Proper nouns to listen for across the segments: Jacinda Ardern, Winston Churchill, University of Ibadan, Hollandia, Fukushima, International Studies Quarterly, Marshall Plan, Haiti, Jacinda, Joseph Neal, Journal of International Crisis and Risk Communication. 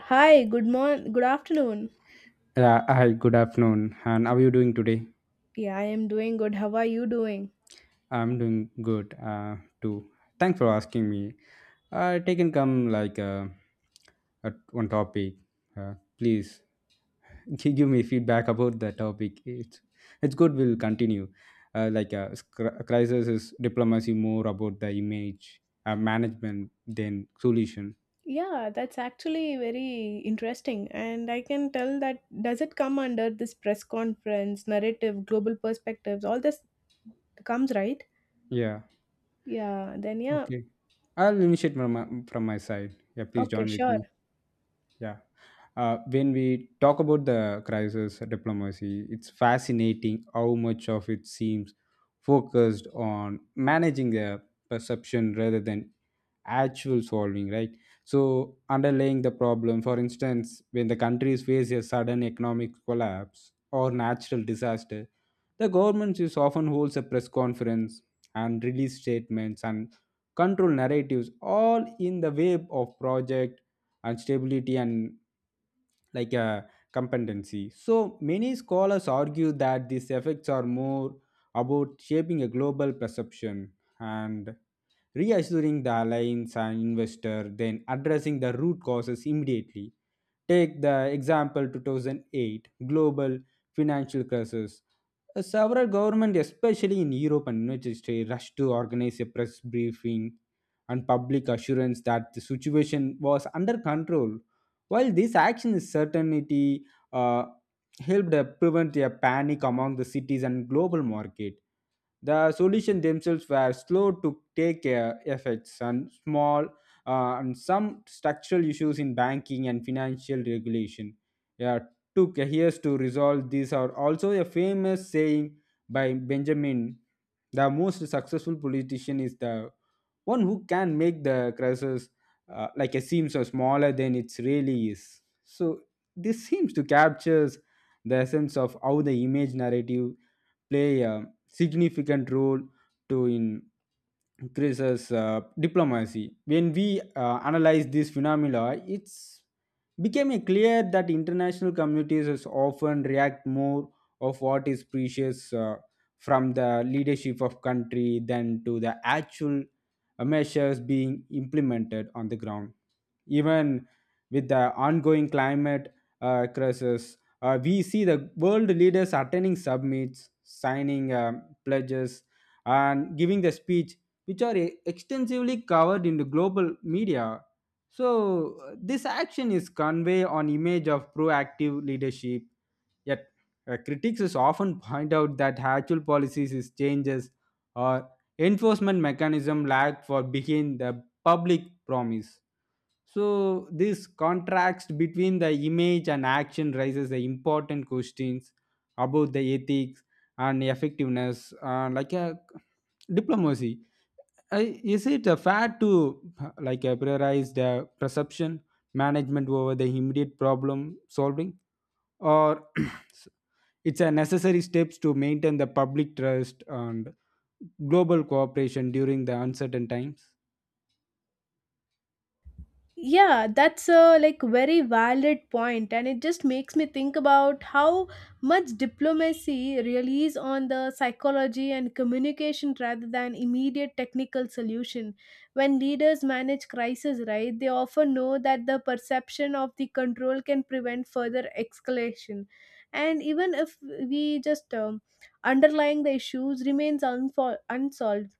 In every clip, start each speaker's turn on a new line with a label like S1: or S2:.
S1: Hi, good morning, good afternoon.
S2: Yeah, hi, good afternoon. And how are you doing today?
S1: Yeah, I am doing good. How are you doing?
S2: I'm doing good too. Thanks for asking me. Take and come like at one topic. Please give me feedback about the topic. It's good. We'll continue. Like crisis is diplomacy more about the image management than solution.
S1: Yeah, that's actually very interesting. And I can tell, that does it come under this press conference, narrative, global perspectives? All this comes, right?
S2: Yeah.
S1: Yeah, then yeah.
S2: Okay. I'll initiate from my side. Yeah, please
S1: Okay,
S2: join with
S1: sure.
S2: me. Yeah. When we talk about the crisis diplomacy, it's fascinating how much of it seems focused on managing the perception rather than actual solving, right? So, underlying the problem, for instance, when the countries face a sudden economic collapse or natural disaster, the government is often holds a press conference and release statements and control narratives all in the wave of project and stability and like a competency. So many scholars argue that these effects are more about shaping a global perception and reassuring the alliance and investor than addressing the root causes immediately. Take the example 2008 global financial crisis. Several governments, especially in Europe and United States, rushed to organize a press briefing and public assurance that the situation was under control. While this action is certainty, uh, helped prevent a panic among the cities and global market, the solutions themselves were slow to take effects and small, and some structural issues in banking and financial regulation uh, took years to resolve. These are also a famous saying by Benjamin: the most successful politician is the one who can make the crisis like a seems or smaller than it really is. So this seems to captures the essence of how the image narrative play a significant role to in increases diplomacy. When we analyze this phenomena, it's became clear that international communities is often react more of what is precious from the leadership of country than to the actual measures being implemented on the ground, even with the ongoing climate crisis. We see the world leaders attending summits, signing pledges, and giving the speech, which are extensively covered in the global media. So this action is convey an image of proactive leadership. Yet critics is often point out that actual policies is changes or enforcement mechanism lack for behind the public promise. So, this contrast between the image and action raises the important questions about the ethics and effectiveness, like a diplomacy. Is it fair to like prioritize the perception management over the immediate problem solving, or it's a necessary steps to maintain the public trust and global cooperation during the uncertain times?
S1: Yeah, that's a like very valid point, and it just makes me think about how much diplomacy relies on the psychology and communication rather than immediate technical solution. When leaders manage crisis, right, they often know that the perception of the control can prevent further escalation. And even if we just underlying, the issues remains unsolved.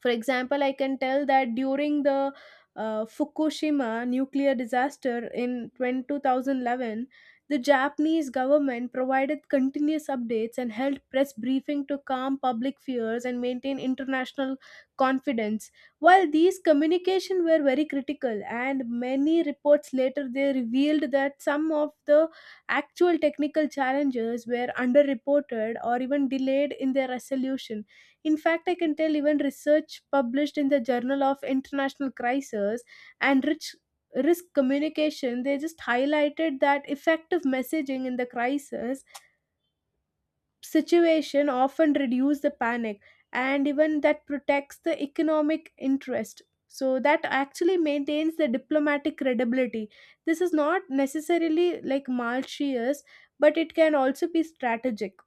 S1: For example, I can tell that during the Fukushima nuclear disaster in 2011, the Japanese government provided continuous updates and held press briefing to calm public fears and maintain international confidence. While these communication were very critical, and many reports later they revealed that some of the actual technical challenges were underreported or even delayed in their resolution. In fact, I can tell even research published in the Journal of International Crisis and rich Risk Communication, they just highlighted that effective messaging in the crisis situation often reduce the panic and even that protects the economic interest, so that actually maintains the diplomatic credibility. This is not necessarily like malicious, but it can also be strategic.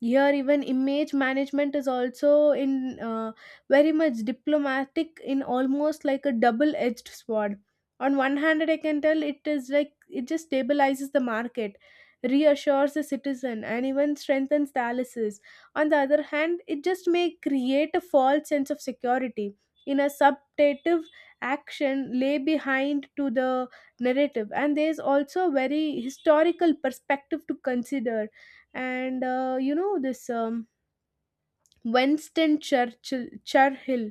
S1: Here even image management is also in very much diplomatic, in almost like a double edged sword. On one hand, I can tell it is like, it just stabilizes the market, reassures the citizen, and even strengthens the analysis. On the other hand, it just may create a false sense of security, in a subtative action lay behind to the narrative. And there is also a very historical perspective to consider. And this Winston Churchill,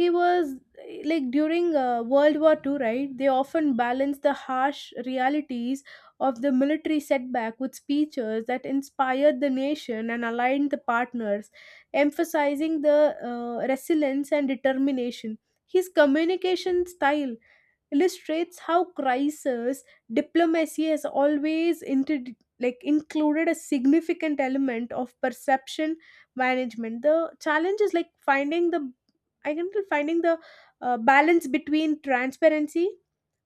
S1: he was like during World War Two, right, they often balance the harsh realities of the military setback with speeches that inspired the nation and aligned the partners, emphasizing the resilience and determination. His communication style illustrates how crisis diplomacy has always like included a significant element of perception management. The challenge is like finding the balance between transparency,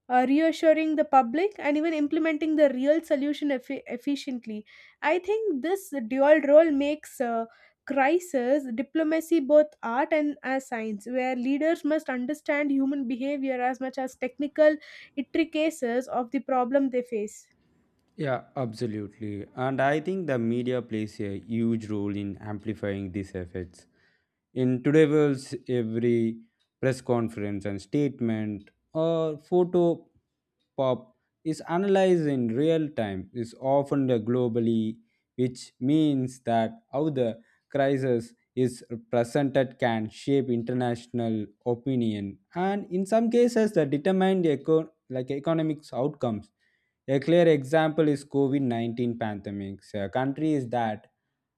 S1: reassuring the public, and even implementing the real solution efficiently. I think this dual role makes crisis diplomacy both art and as science, where leaders must understand human behavior as much as technical intricacies of the problem they face.
S2: Yeah, absolutely. And I think the media plays a huge role in amplifying these effects. In today's world, every press conference and statement or photo pop is analyzed in real time, is often globally, which means that how the crisis is presented can shape international opinion and in some cases that determine the like economics outcomes. A clear example is COVID-19 pandemic. So, a country is that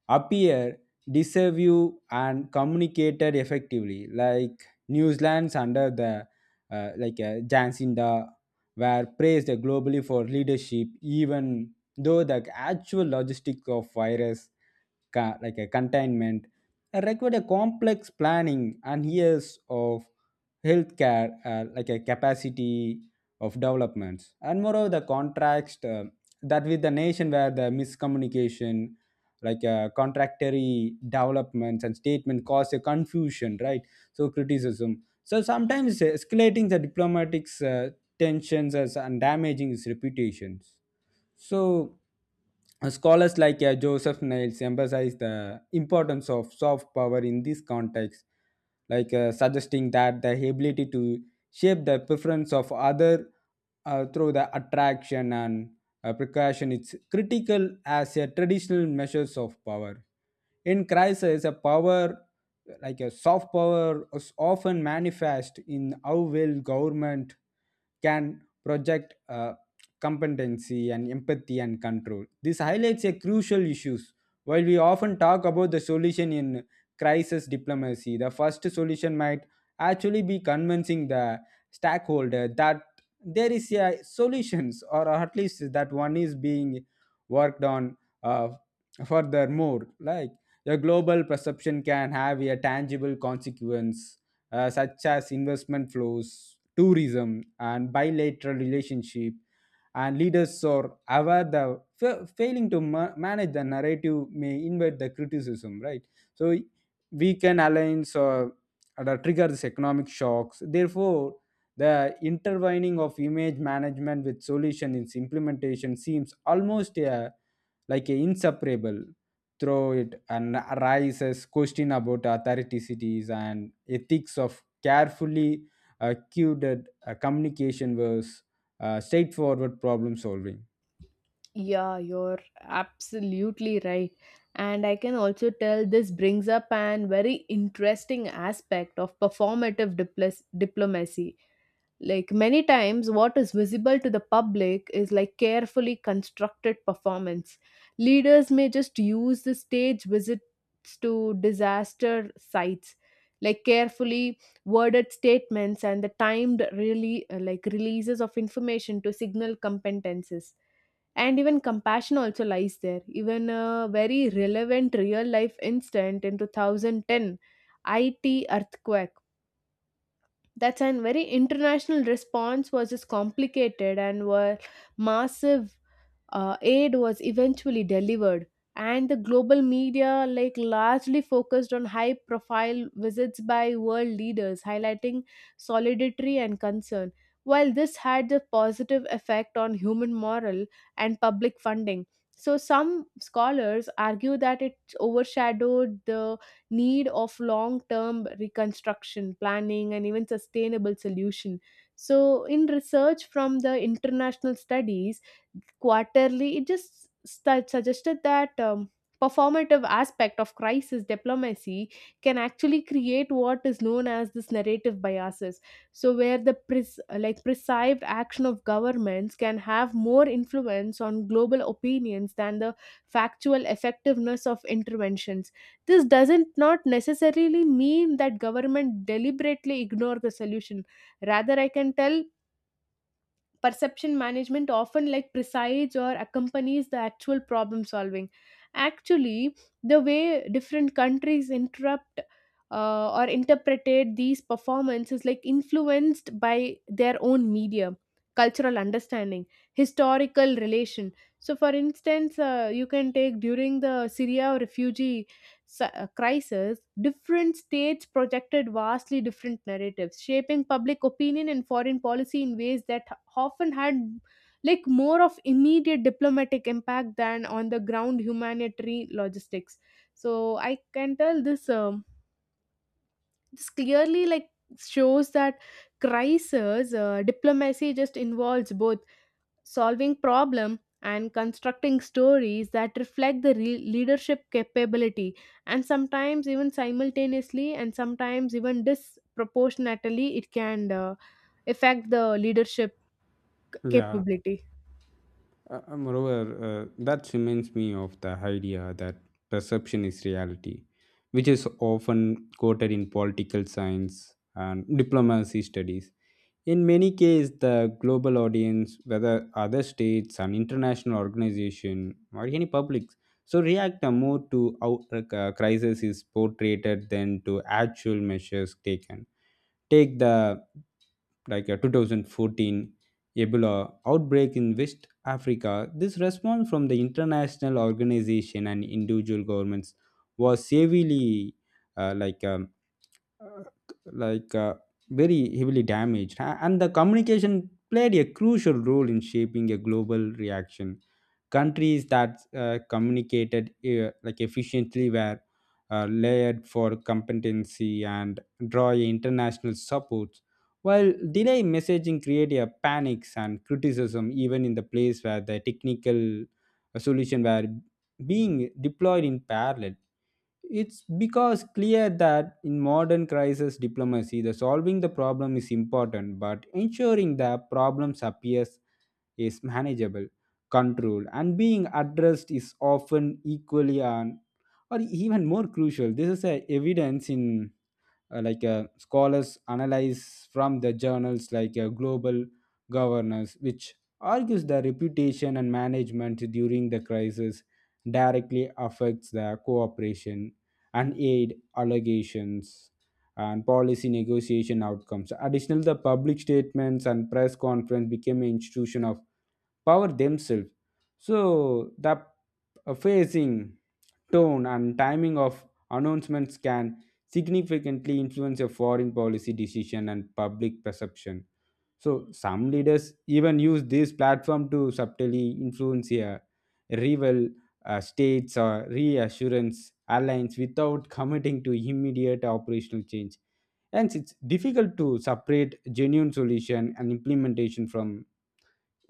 S2: appear, disavow, and communicated effectively, like New Zealand's under the like Jacinda, were praised globally for leadership, even though the actual logistics of virus like a containment required a complex planning and years of healthcare like a capacity of developments. And moreover the contrast, that with the nation where the miscommunication, like contractory developments and statement, cause a confusion, right? So criticism, so sometimes escalating the diplomatic tensions, as, and damaging its reputations. So, scholars like Joseph Niles emphasize the importance of soft power in this context, like suggesting that the ability to shape the preference of other through the attraction and precaution is critical as a traditional measures of power. In crisis, a power like a soft power is often manifest in how well government can project competency and empathy and control. This highlights a crucial issues. While we often talk about the solution in crisis diplomacy, the first solution might actually be convincing the stakeholder that there is a solutions, or at least that one is being worked on. uh, Furthermore, like the global perception can have a tangible consequence, such as investment flows, tourism, and bilateral relationship, and leaders are aware the failing to manage the narrative may invite the criticism, right? So we can align, so trigger this economic shocks. Therefore the intertwining of image management with solution in implementation seems almost like a inseparable through it, and arises question about authoricities and ethics of carefully curated communication was straightforward problem solving.
S1: Yeah, you're absolutely right. And I can also tell this brings up an very interesting aspect of performative diplomacy. Like, many times what is visible to the public is like carefully constructed performance. Leaders may just use the stage visits to disaster sites, like carefully worded statements and the timed really like releases of information to signal competences and even compassion also lies there. Even a very relevant real life incident in 2010, it earthquake, that's an very international response, was just complicated, and were massive aid was eventually delivered. And the global media like largely focused on high profile visits by world leaders, highlighting solidarity and concern. While this had a positive effect on human morale and public funding, so some scholars argue that it overshadowed the need of long term reconstruction planning and even sustainable solution. So in research from the International Studies Quarterly, it just suggested that performative aspect of crisis diplomacy can actually create what is known as this narrative biases. So, where the like perceived action of governments can have more influence on global opinions than the factual effectiveness of interventions. This doesn't not necessarily mean that government deliberately ignore the solution. Rather, I can tell perception management often like presides or accompanies the actual problem solving. Actually, the way different countries interrupt or interpreted these performances, like influenced by their own media, cultural understanding, historical relation. So for instance, you can take during the Syria refugee crisis, different states projected vastly different narratives, shaping public opinion and foreign policy in ways that often had like more of immediate diplomatic impact than on the ground humanitarian logistics. So I can tell this clearly like shows that crisis diplomacy just involves both solving problem and constructing stories that reflect the leadership capability. And sometimes even simultaneously, and sometimes even disproportionately, it can affect the leadership
S2: Yeah.
S1: capability.
S2: Moreover, that reminds me of the idea that perception is reality, which is often quoted in political science and diplomacy studies. In many cases, the global audience, whether other states, an international organization, or any publics, so react more to how a crisis is portrayed than to actual measures taken. Take the like a 2014 Ebola outbreak in West Africa. This response from the international organization and individual governments was severely, uh, like um, uh, like very heavily damaged. And the communication played a crucial role in shaping a global reaction. Countries that communicated like efficiently were layered for competency and draw international support, while delay messaging created a panics and criticism even in the place where the technical solution were being deployed in parallel. It's because clear that in modern crisis diplomacy, the solving the problem is important, but ensuring the problems appears is manageable, controlled, and being addressed is often equally and or even more crucial. This is a evidence in like scholars analyze from the journals like global governance, which argues the reputation and management during the crisis directly affects the cooperation and aid allegations and policy negotiation outcomes. Additionally the public statements and press conference became an institution of power themselves. So the phasing, tone, and timing of announcements can significantly influence a foreign policy decision and public perception. So some leaders even use this platform to subtly influence a rival states or reassurance alliance without committing to immediate operational change. Hence, it's difficult to separate genuine solution and implementation from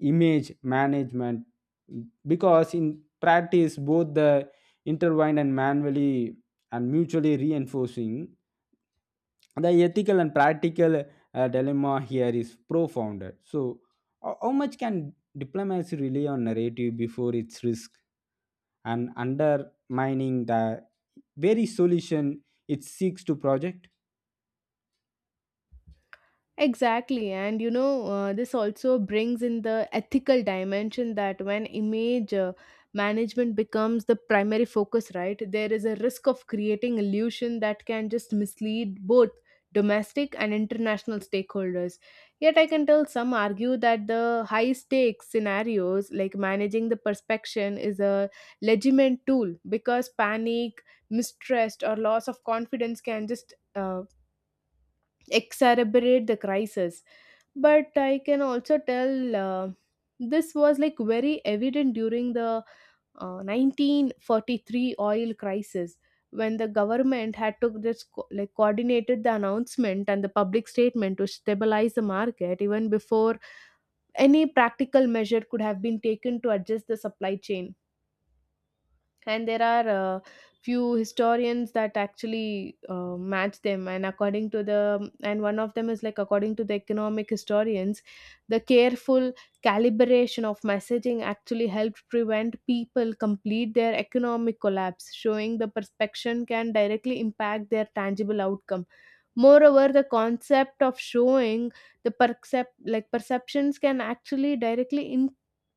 S2: image management because in practice both the intertwined and manually and mutually reinforcing the ethical and practical dilemma here is profound. So how much can diplomacy rely on narrative before its risk and undermining the very solution it seeks to project.
S1: Exactly, and you know, this also brings in the ethical dimension that when image management becomes the primary focus, right, there is a risk of creating illusion that can just mislead both domestic and international stakeholders. Yet, I can tell some argue that the high stakes scenarios, like managing the perception, is a legitimate tool, because panic, mistrust, or loss of confidence can just exacerbate the crisis. But I can also tell this was like very evident during the 1943 oil crisis, when the government had to this like coordinated the announcement and the public statement to stabilize the market even before any practical measure could have been taken to adjust the supply chain. And there are few historians that actually match them, and according to the and one of them is like, according to the economic historians, the careful calibration of messaging actually helped prevent people complete their economic collapse, showing the perception can directly impact their tangible outcome. Moreover, the concept of showing the like perceptions can actually directly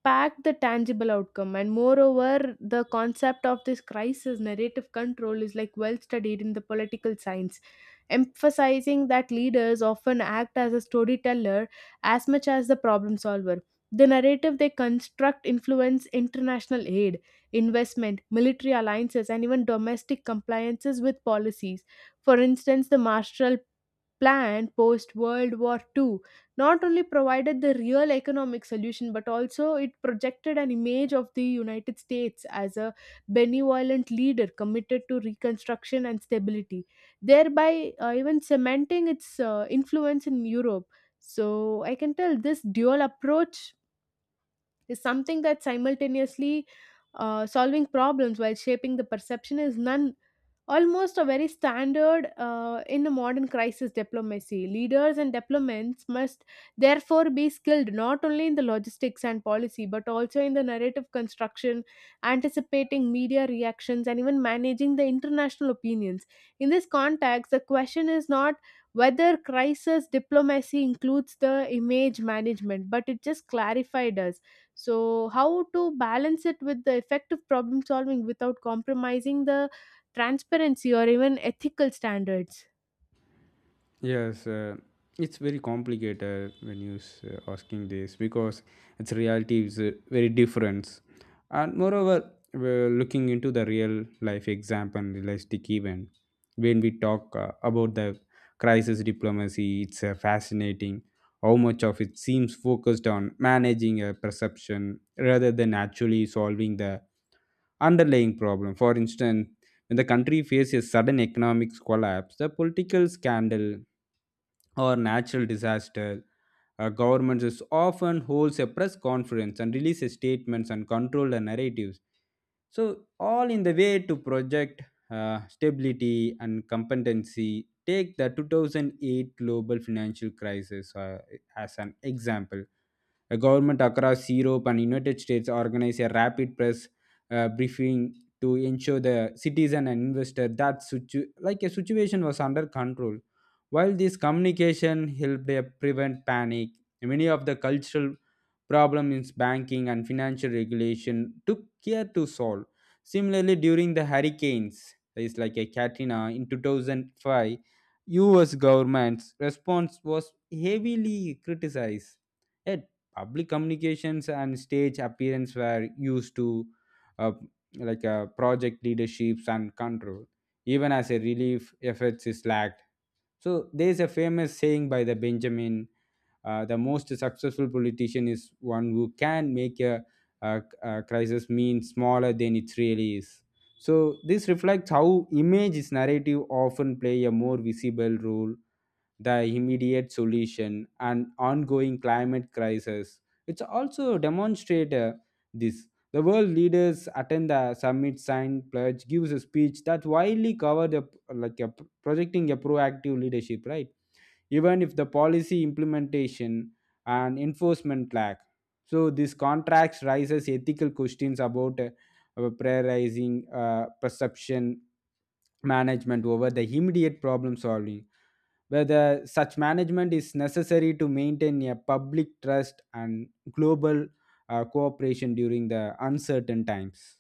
S1: pack the tangible outcome. And moreover, the concept of this crisis narrative control is like well studied in the political science, emphasizing that leaders often act as a storyteller as much as the problem solver. The narrative they construct influence international aid, investment, military alliances, and even domestic compliances with policies. For instance, the Marshall Plan post World War II not only provided the real economic solution, but also it projected an image of the United States as a benevolent leader committed to reconstruction and stability, thereby even cementing its influence in Europe. So I can tell this dual approach is something that simultaneously solving problems while shaping the perception is none, almost a very standard in the modern crisis diplomacy. Leaders and diplomats must therefore be skilled not only in the logistics and policy, but also in the narrative construction, anticipating media reactions, and even managing the international opinions. In this context, the question is not whether crisis diplomacy includes the image management, but it just clarified us. So, how to balance it with the effective problem solving without compromising the transparency or even ethical standards.
S2: Yes, it's very complicated when you asking this because its reality is very different, and moreover, we're looking into the real life example, realistic event. When we talk about the crisis diplomacy, it's fascinating how much of it seems focused on managing a perception rather than actually solving the underlying problem. For instance, when the country faces sudden economic collapse, the political scandal or natural disaster, governments is often holds a press conference and releases statements and control the narratives. So all in the way to project stability and competency. Take the 2008 global financial crisis as an example. A government across Europe and United States organized a rapid press briefing to ensure the citizen and investor that like a situation was under control. While this communication helped prevent panic, many of the cultural problems in banking and financial regulation took care to solve. Similarly, during the hurricanes, that is like a Katrina in 2005, U.S. government's response was heavily criticized. Yet public communications and stage appearance were used to uh, like project leaderships and control, even as a relief efforts is lacked. So there's a famous saying by the Benjamin, the most successful politician is one who can make a crisis mean smaller than it really is. So this reflects how image is narrative often play a more visible role the immediate solution and ongoing climate crisis. It's also demonstrated this. The world leaders attend the summit, sign pledge, gives a speech that widely cover the like a projecting a proactive leadership, right? Even if the policy implementation and enforcement lack. So this contracts raises ethical questions about prioritizing perception management over the immediate problem solving, whether such management is necessary to maintain a public trust and global cooperation during the uncertain times.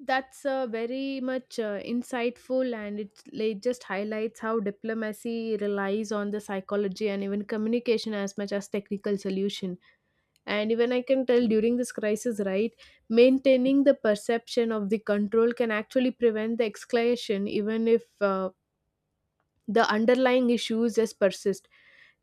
S1: That's very much insightful, and it just highlights how diplomacy relies on the psychology and even communication as much as technical solution. And even I can tell during this crisis, right, maintaining the perception of the control can actually prevent the escalation, even if the underlying issues just persist.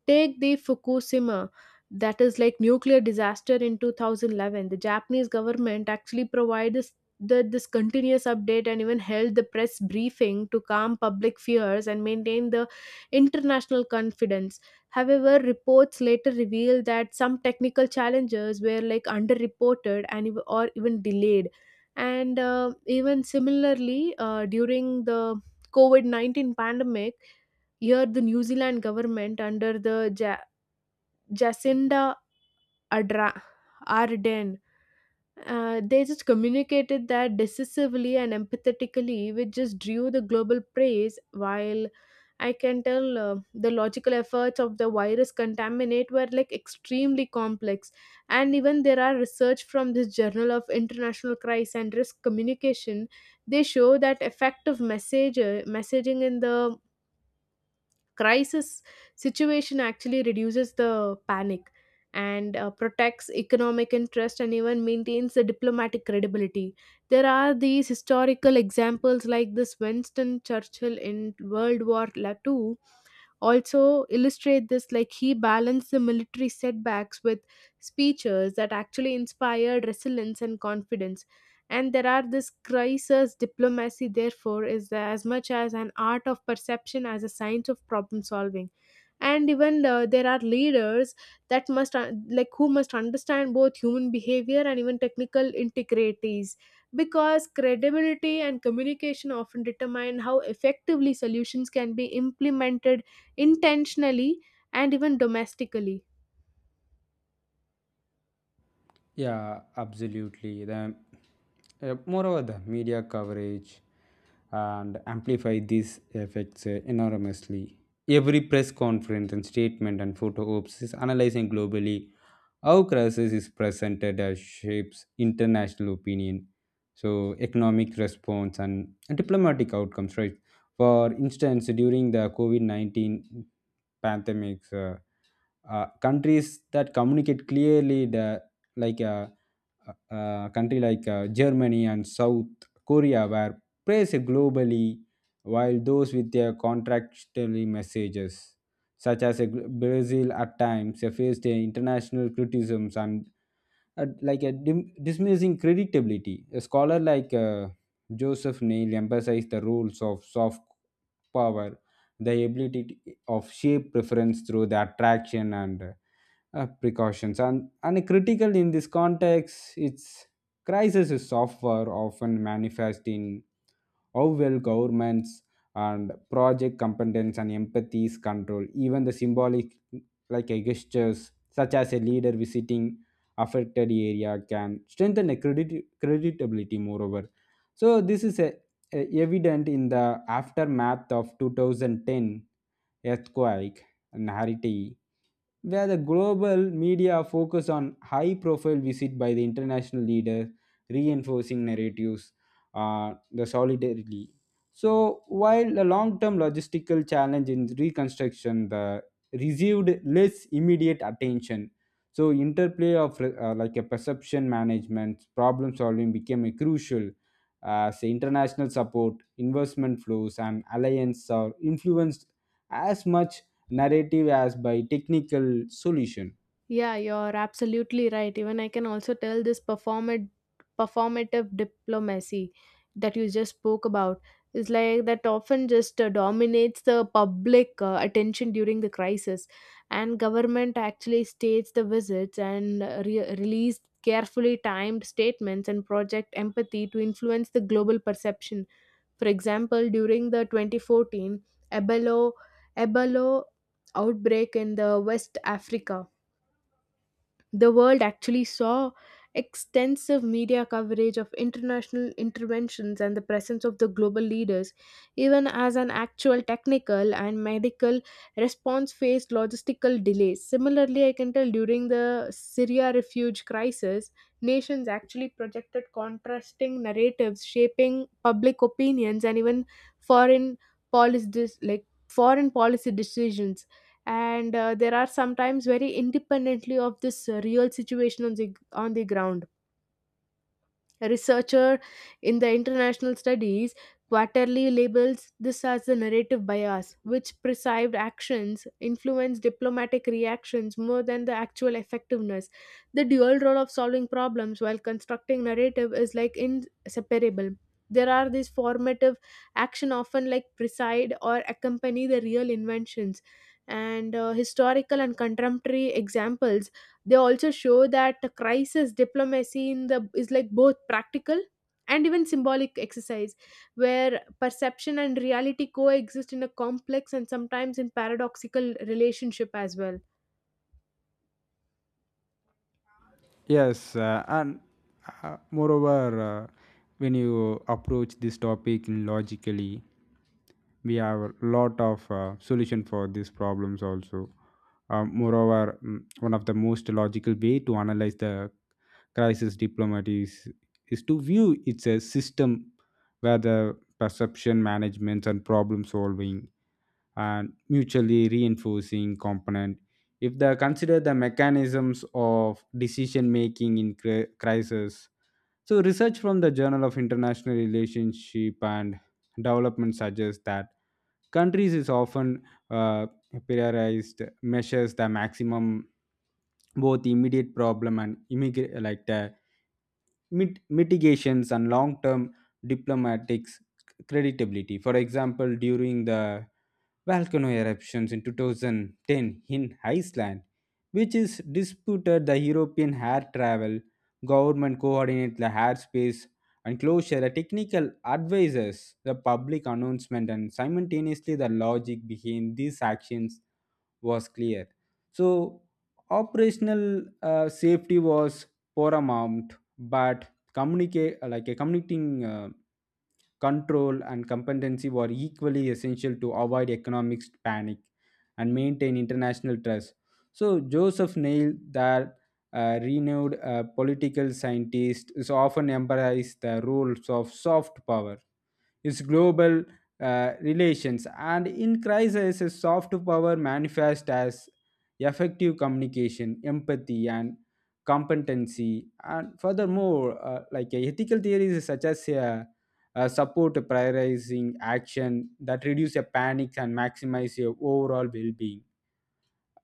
S1: Take the Fukushima, that is like nuclear disaster in 2011. The Japanese government actually provided this continuous update, and even held the press briefing to calm public fears and maintain the international confidence. However, reports later revealed that some technical challenges were like underreported and or even delayed. And even similarly, during the COVID 19 pandemic, here, the New Zealand government under the Jacinda Adra- Ardern, they just communicated that decisively and empathetically, which just drew the global praise. While I can tell the logical efforts of the virus contaminate were like extremely complex. And even there are research from this Journal of International Crisis and Risk Communication. They show that effective message messaging in the crisis situation actually reduces the panic and protects economic interest and even maintains the diplomatic credibility. There are these historical examples like this Winston Churchill in World War II also illustrate this. Like, he balanced the military setbacks with speeches that actually inspired resilience and confidence. And there are this crisis diplomacy, therefore, is as much as an art of perception as a science of problem solving. And even there are leaders that must who must understand both human behavior and even technical integrities, because credibility and communication often determine how effectively solutions can be implemented intentionally and even domestically.
S2: Yeah, absolutely. The Moreover, the media coverage and amplify these effects enormously. Every press conference and statement and photo ops is analyzing globally how crisis is presented as shapes international opinion. So economic response and diplomatic outcomes, right? For instance, during the COVID 19 pandemics, countries that communicate clearly the like. Country like Germany and South Korea were praised globally, while those with their contractually messages, such as Brazil at times, faced international criticisms and dismissing creditability. A scholar like Joseph Neal emphasized the roles of soft power, the ability of shape preference through the attraction and precautions. And a critical in this context, its crisis is software often manifest in how well governments and project competence and empathies control even the symbolic like a gestures such as a leader visiting affected area can strengthen a creditability moreover so this is a evident in the aftermath of 2010 earthquake in haiti where the global media focus on high profile visit by the international leaders reinforcing narratives the solidarity so while the long term logistical challenge in reconstruction the received less immediate attention so interplay of like a perception management problem solving became a crucial as international support investment flows and alliance are influenced as much narrative as by technical solution.
S1: Yeah, you're absolutely right. Even I can also tell this performative diplomacy that you just spoke about is like that often just dominates the public attention during the crisis. And government actually states the visits and release carefully timed statements and project empathy to influence the global perception. For example, during the 2014 ebola Ebola outbreak in the West Africa, the world actually saw extensive media coverage of international interventions and the presence of the global leaders, even as an actual technical and medical response faced logistical delays. Similarly, I can tell during the Syria refuge crisis, nations actually projected contrasting narratives, shaping public opinions and even foreign foreign policy decisions. And there are sometimes very independently of this real situation on the ground. A researcher in the International Studies Quarterly labels this as the narrative bias, which perceived actions influence diplomatic reactions more than the actual effectiveness. The dual role of solving problems while constructing narrative is like inseparable. There are these formative action often like preside or accompany the real inventions. And historical and contemporary examples, they also show that the crisis diplomacy in the is like both practical and even symbolic exercise, where perception and reality coexist in a complex and sometimes in paradoxical relationship as well.
S2: Yes, and moreover, when you approach this topic logically, we have a lot of solution for these problems also. Moreover, one of the most logical way to analyze the crisis diplomacy is to view it's a system where the perception management and problem solving and mutually reinforcing component if they consider the mechanisms of decision making in crisis so research from the journal of international relationship and development suggests that countries is often uh, prioritized measures the maximum both immediate problem and immigrate like the mitigations and long-term diplomatic credibility. For example, during the volcano eruptions in 2010 in Iceland, which is disputed the European air travel, government coordinate the airspace and closure, the technical advisors, the public announcement, and simultaneously the logic behind these actions was clear. So, operational safety was paramount, but communicate like a communicating control and competency were equally essential to avoid economic panic and maintain international trust. So Joseph Neil, that renowned political scientist, is often emphasized the rules of soft power. His global relations and in crisis a soft power manifests as effective communication empathy and competency and furthermore ethical theories such as support prioritizing action that reduce your panic and maximize your overall well-being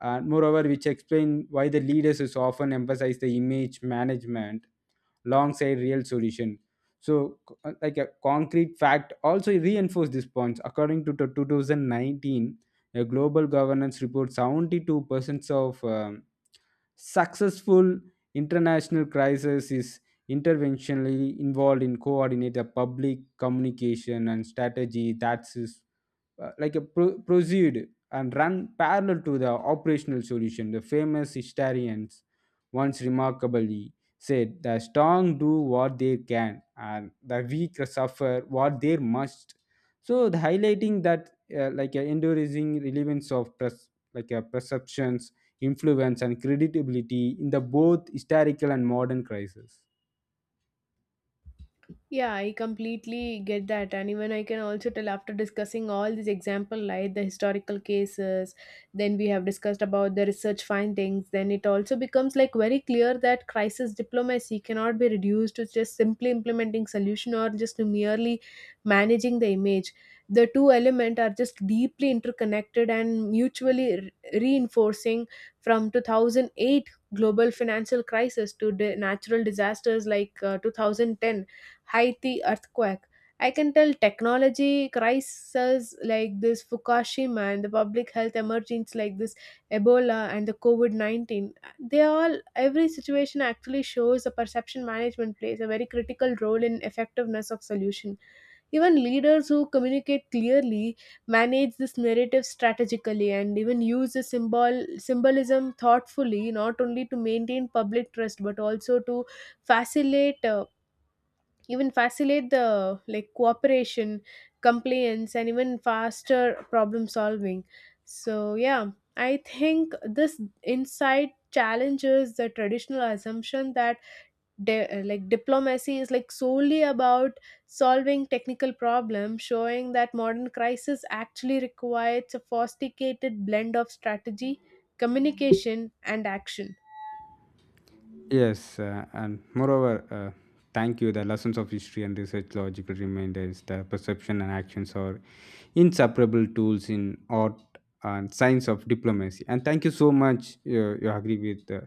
S2: and moreover which explain why the leaders is often emphasize the image management alongside real solution. So, co- like a concrete fact also reinforced this point. According to the 2019, a global governance report, 72% of successful international crisis is interventionally involved in coordinate the public communication and strategy that is proceed and run parallel to the operational solution. The famous historians once remarkably said, "The strong do what they can, and the weak suffer what they must." So, the highlighting that like a enduring relevance of like a perceptions, influence, and credibility in the both historical and modern crisis.
S1: Yeah, I completely get that. And even I can also tell after discussing all these example like the historical cases, then we have discussed about the research findings, then it also becomes like very clear that crisis diplomacy cannot be reduced to just simply implementing solution or just to merely managing the image. The two elements are just deeply interconnected and mutually reinforcing, from 2008 global financial crisis to the natural disasters like 2010 Haiti earthquake. I can tell technology crises like this Fukushima and the public health emergencies like this Ebola and the COVID 19. They all, every situation actually shows the perception management plays a very critical role in effectiveness of solution. Even leaders who communicate clearly, manage this narrative strategically, and even use the symbolism thoughtfully, not only to maintain public trust but also to facilitate even facilitate the like cooperation, compliance, and even faster problem solving. So yeah, I think this insight challenges the traditional assumption that diplomacy is like solely about solving technical problems, showing that modern crisis actually requires a sophisticated blend of strategy, communication, and action.
S2: Yes, thank you. The lessons of history and research logical reminders, the perception and actions are inseparable tools in art and science of diplomacy. And thank you so much. You agree with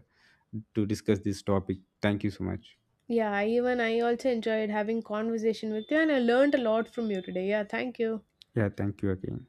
S2: to discuss this topic. Thank you so much.
S1: Yeah, even I also enjoyed having conversation with you, and I learned a lot from you today. Yeah, thank you.
S2: Yeah, thank you again.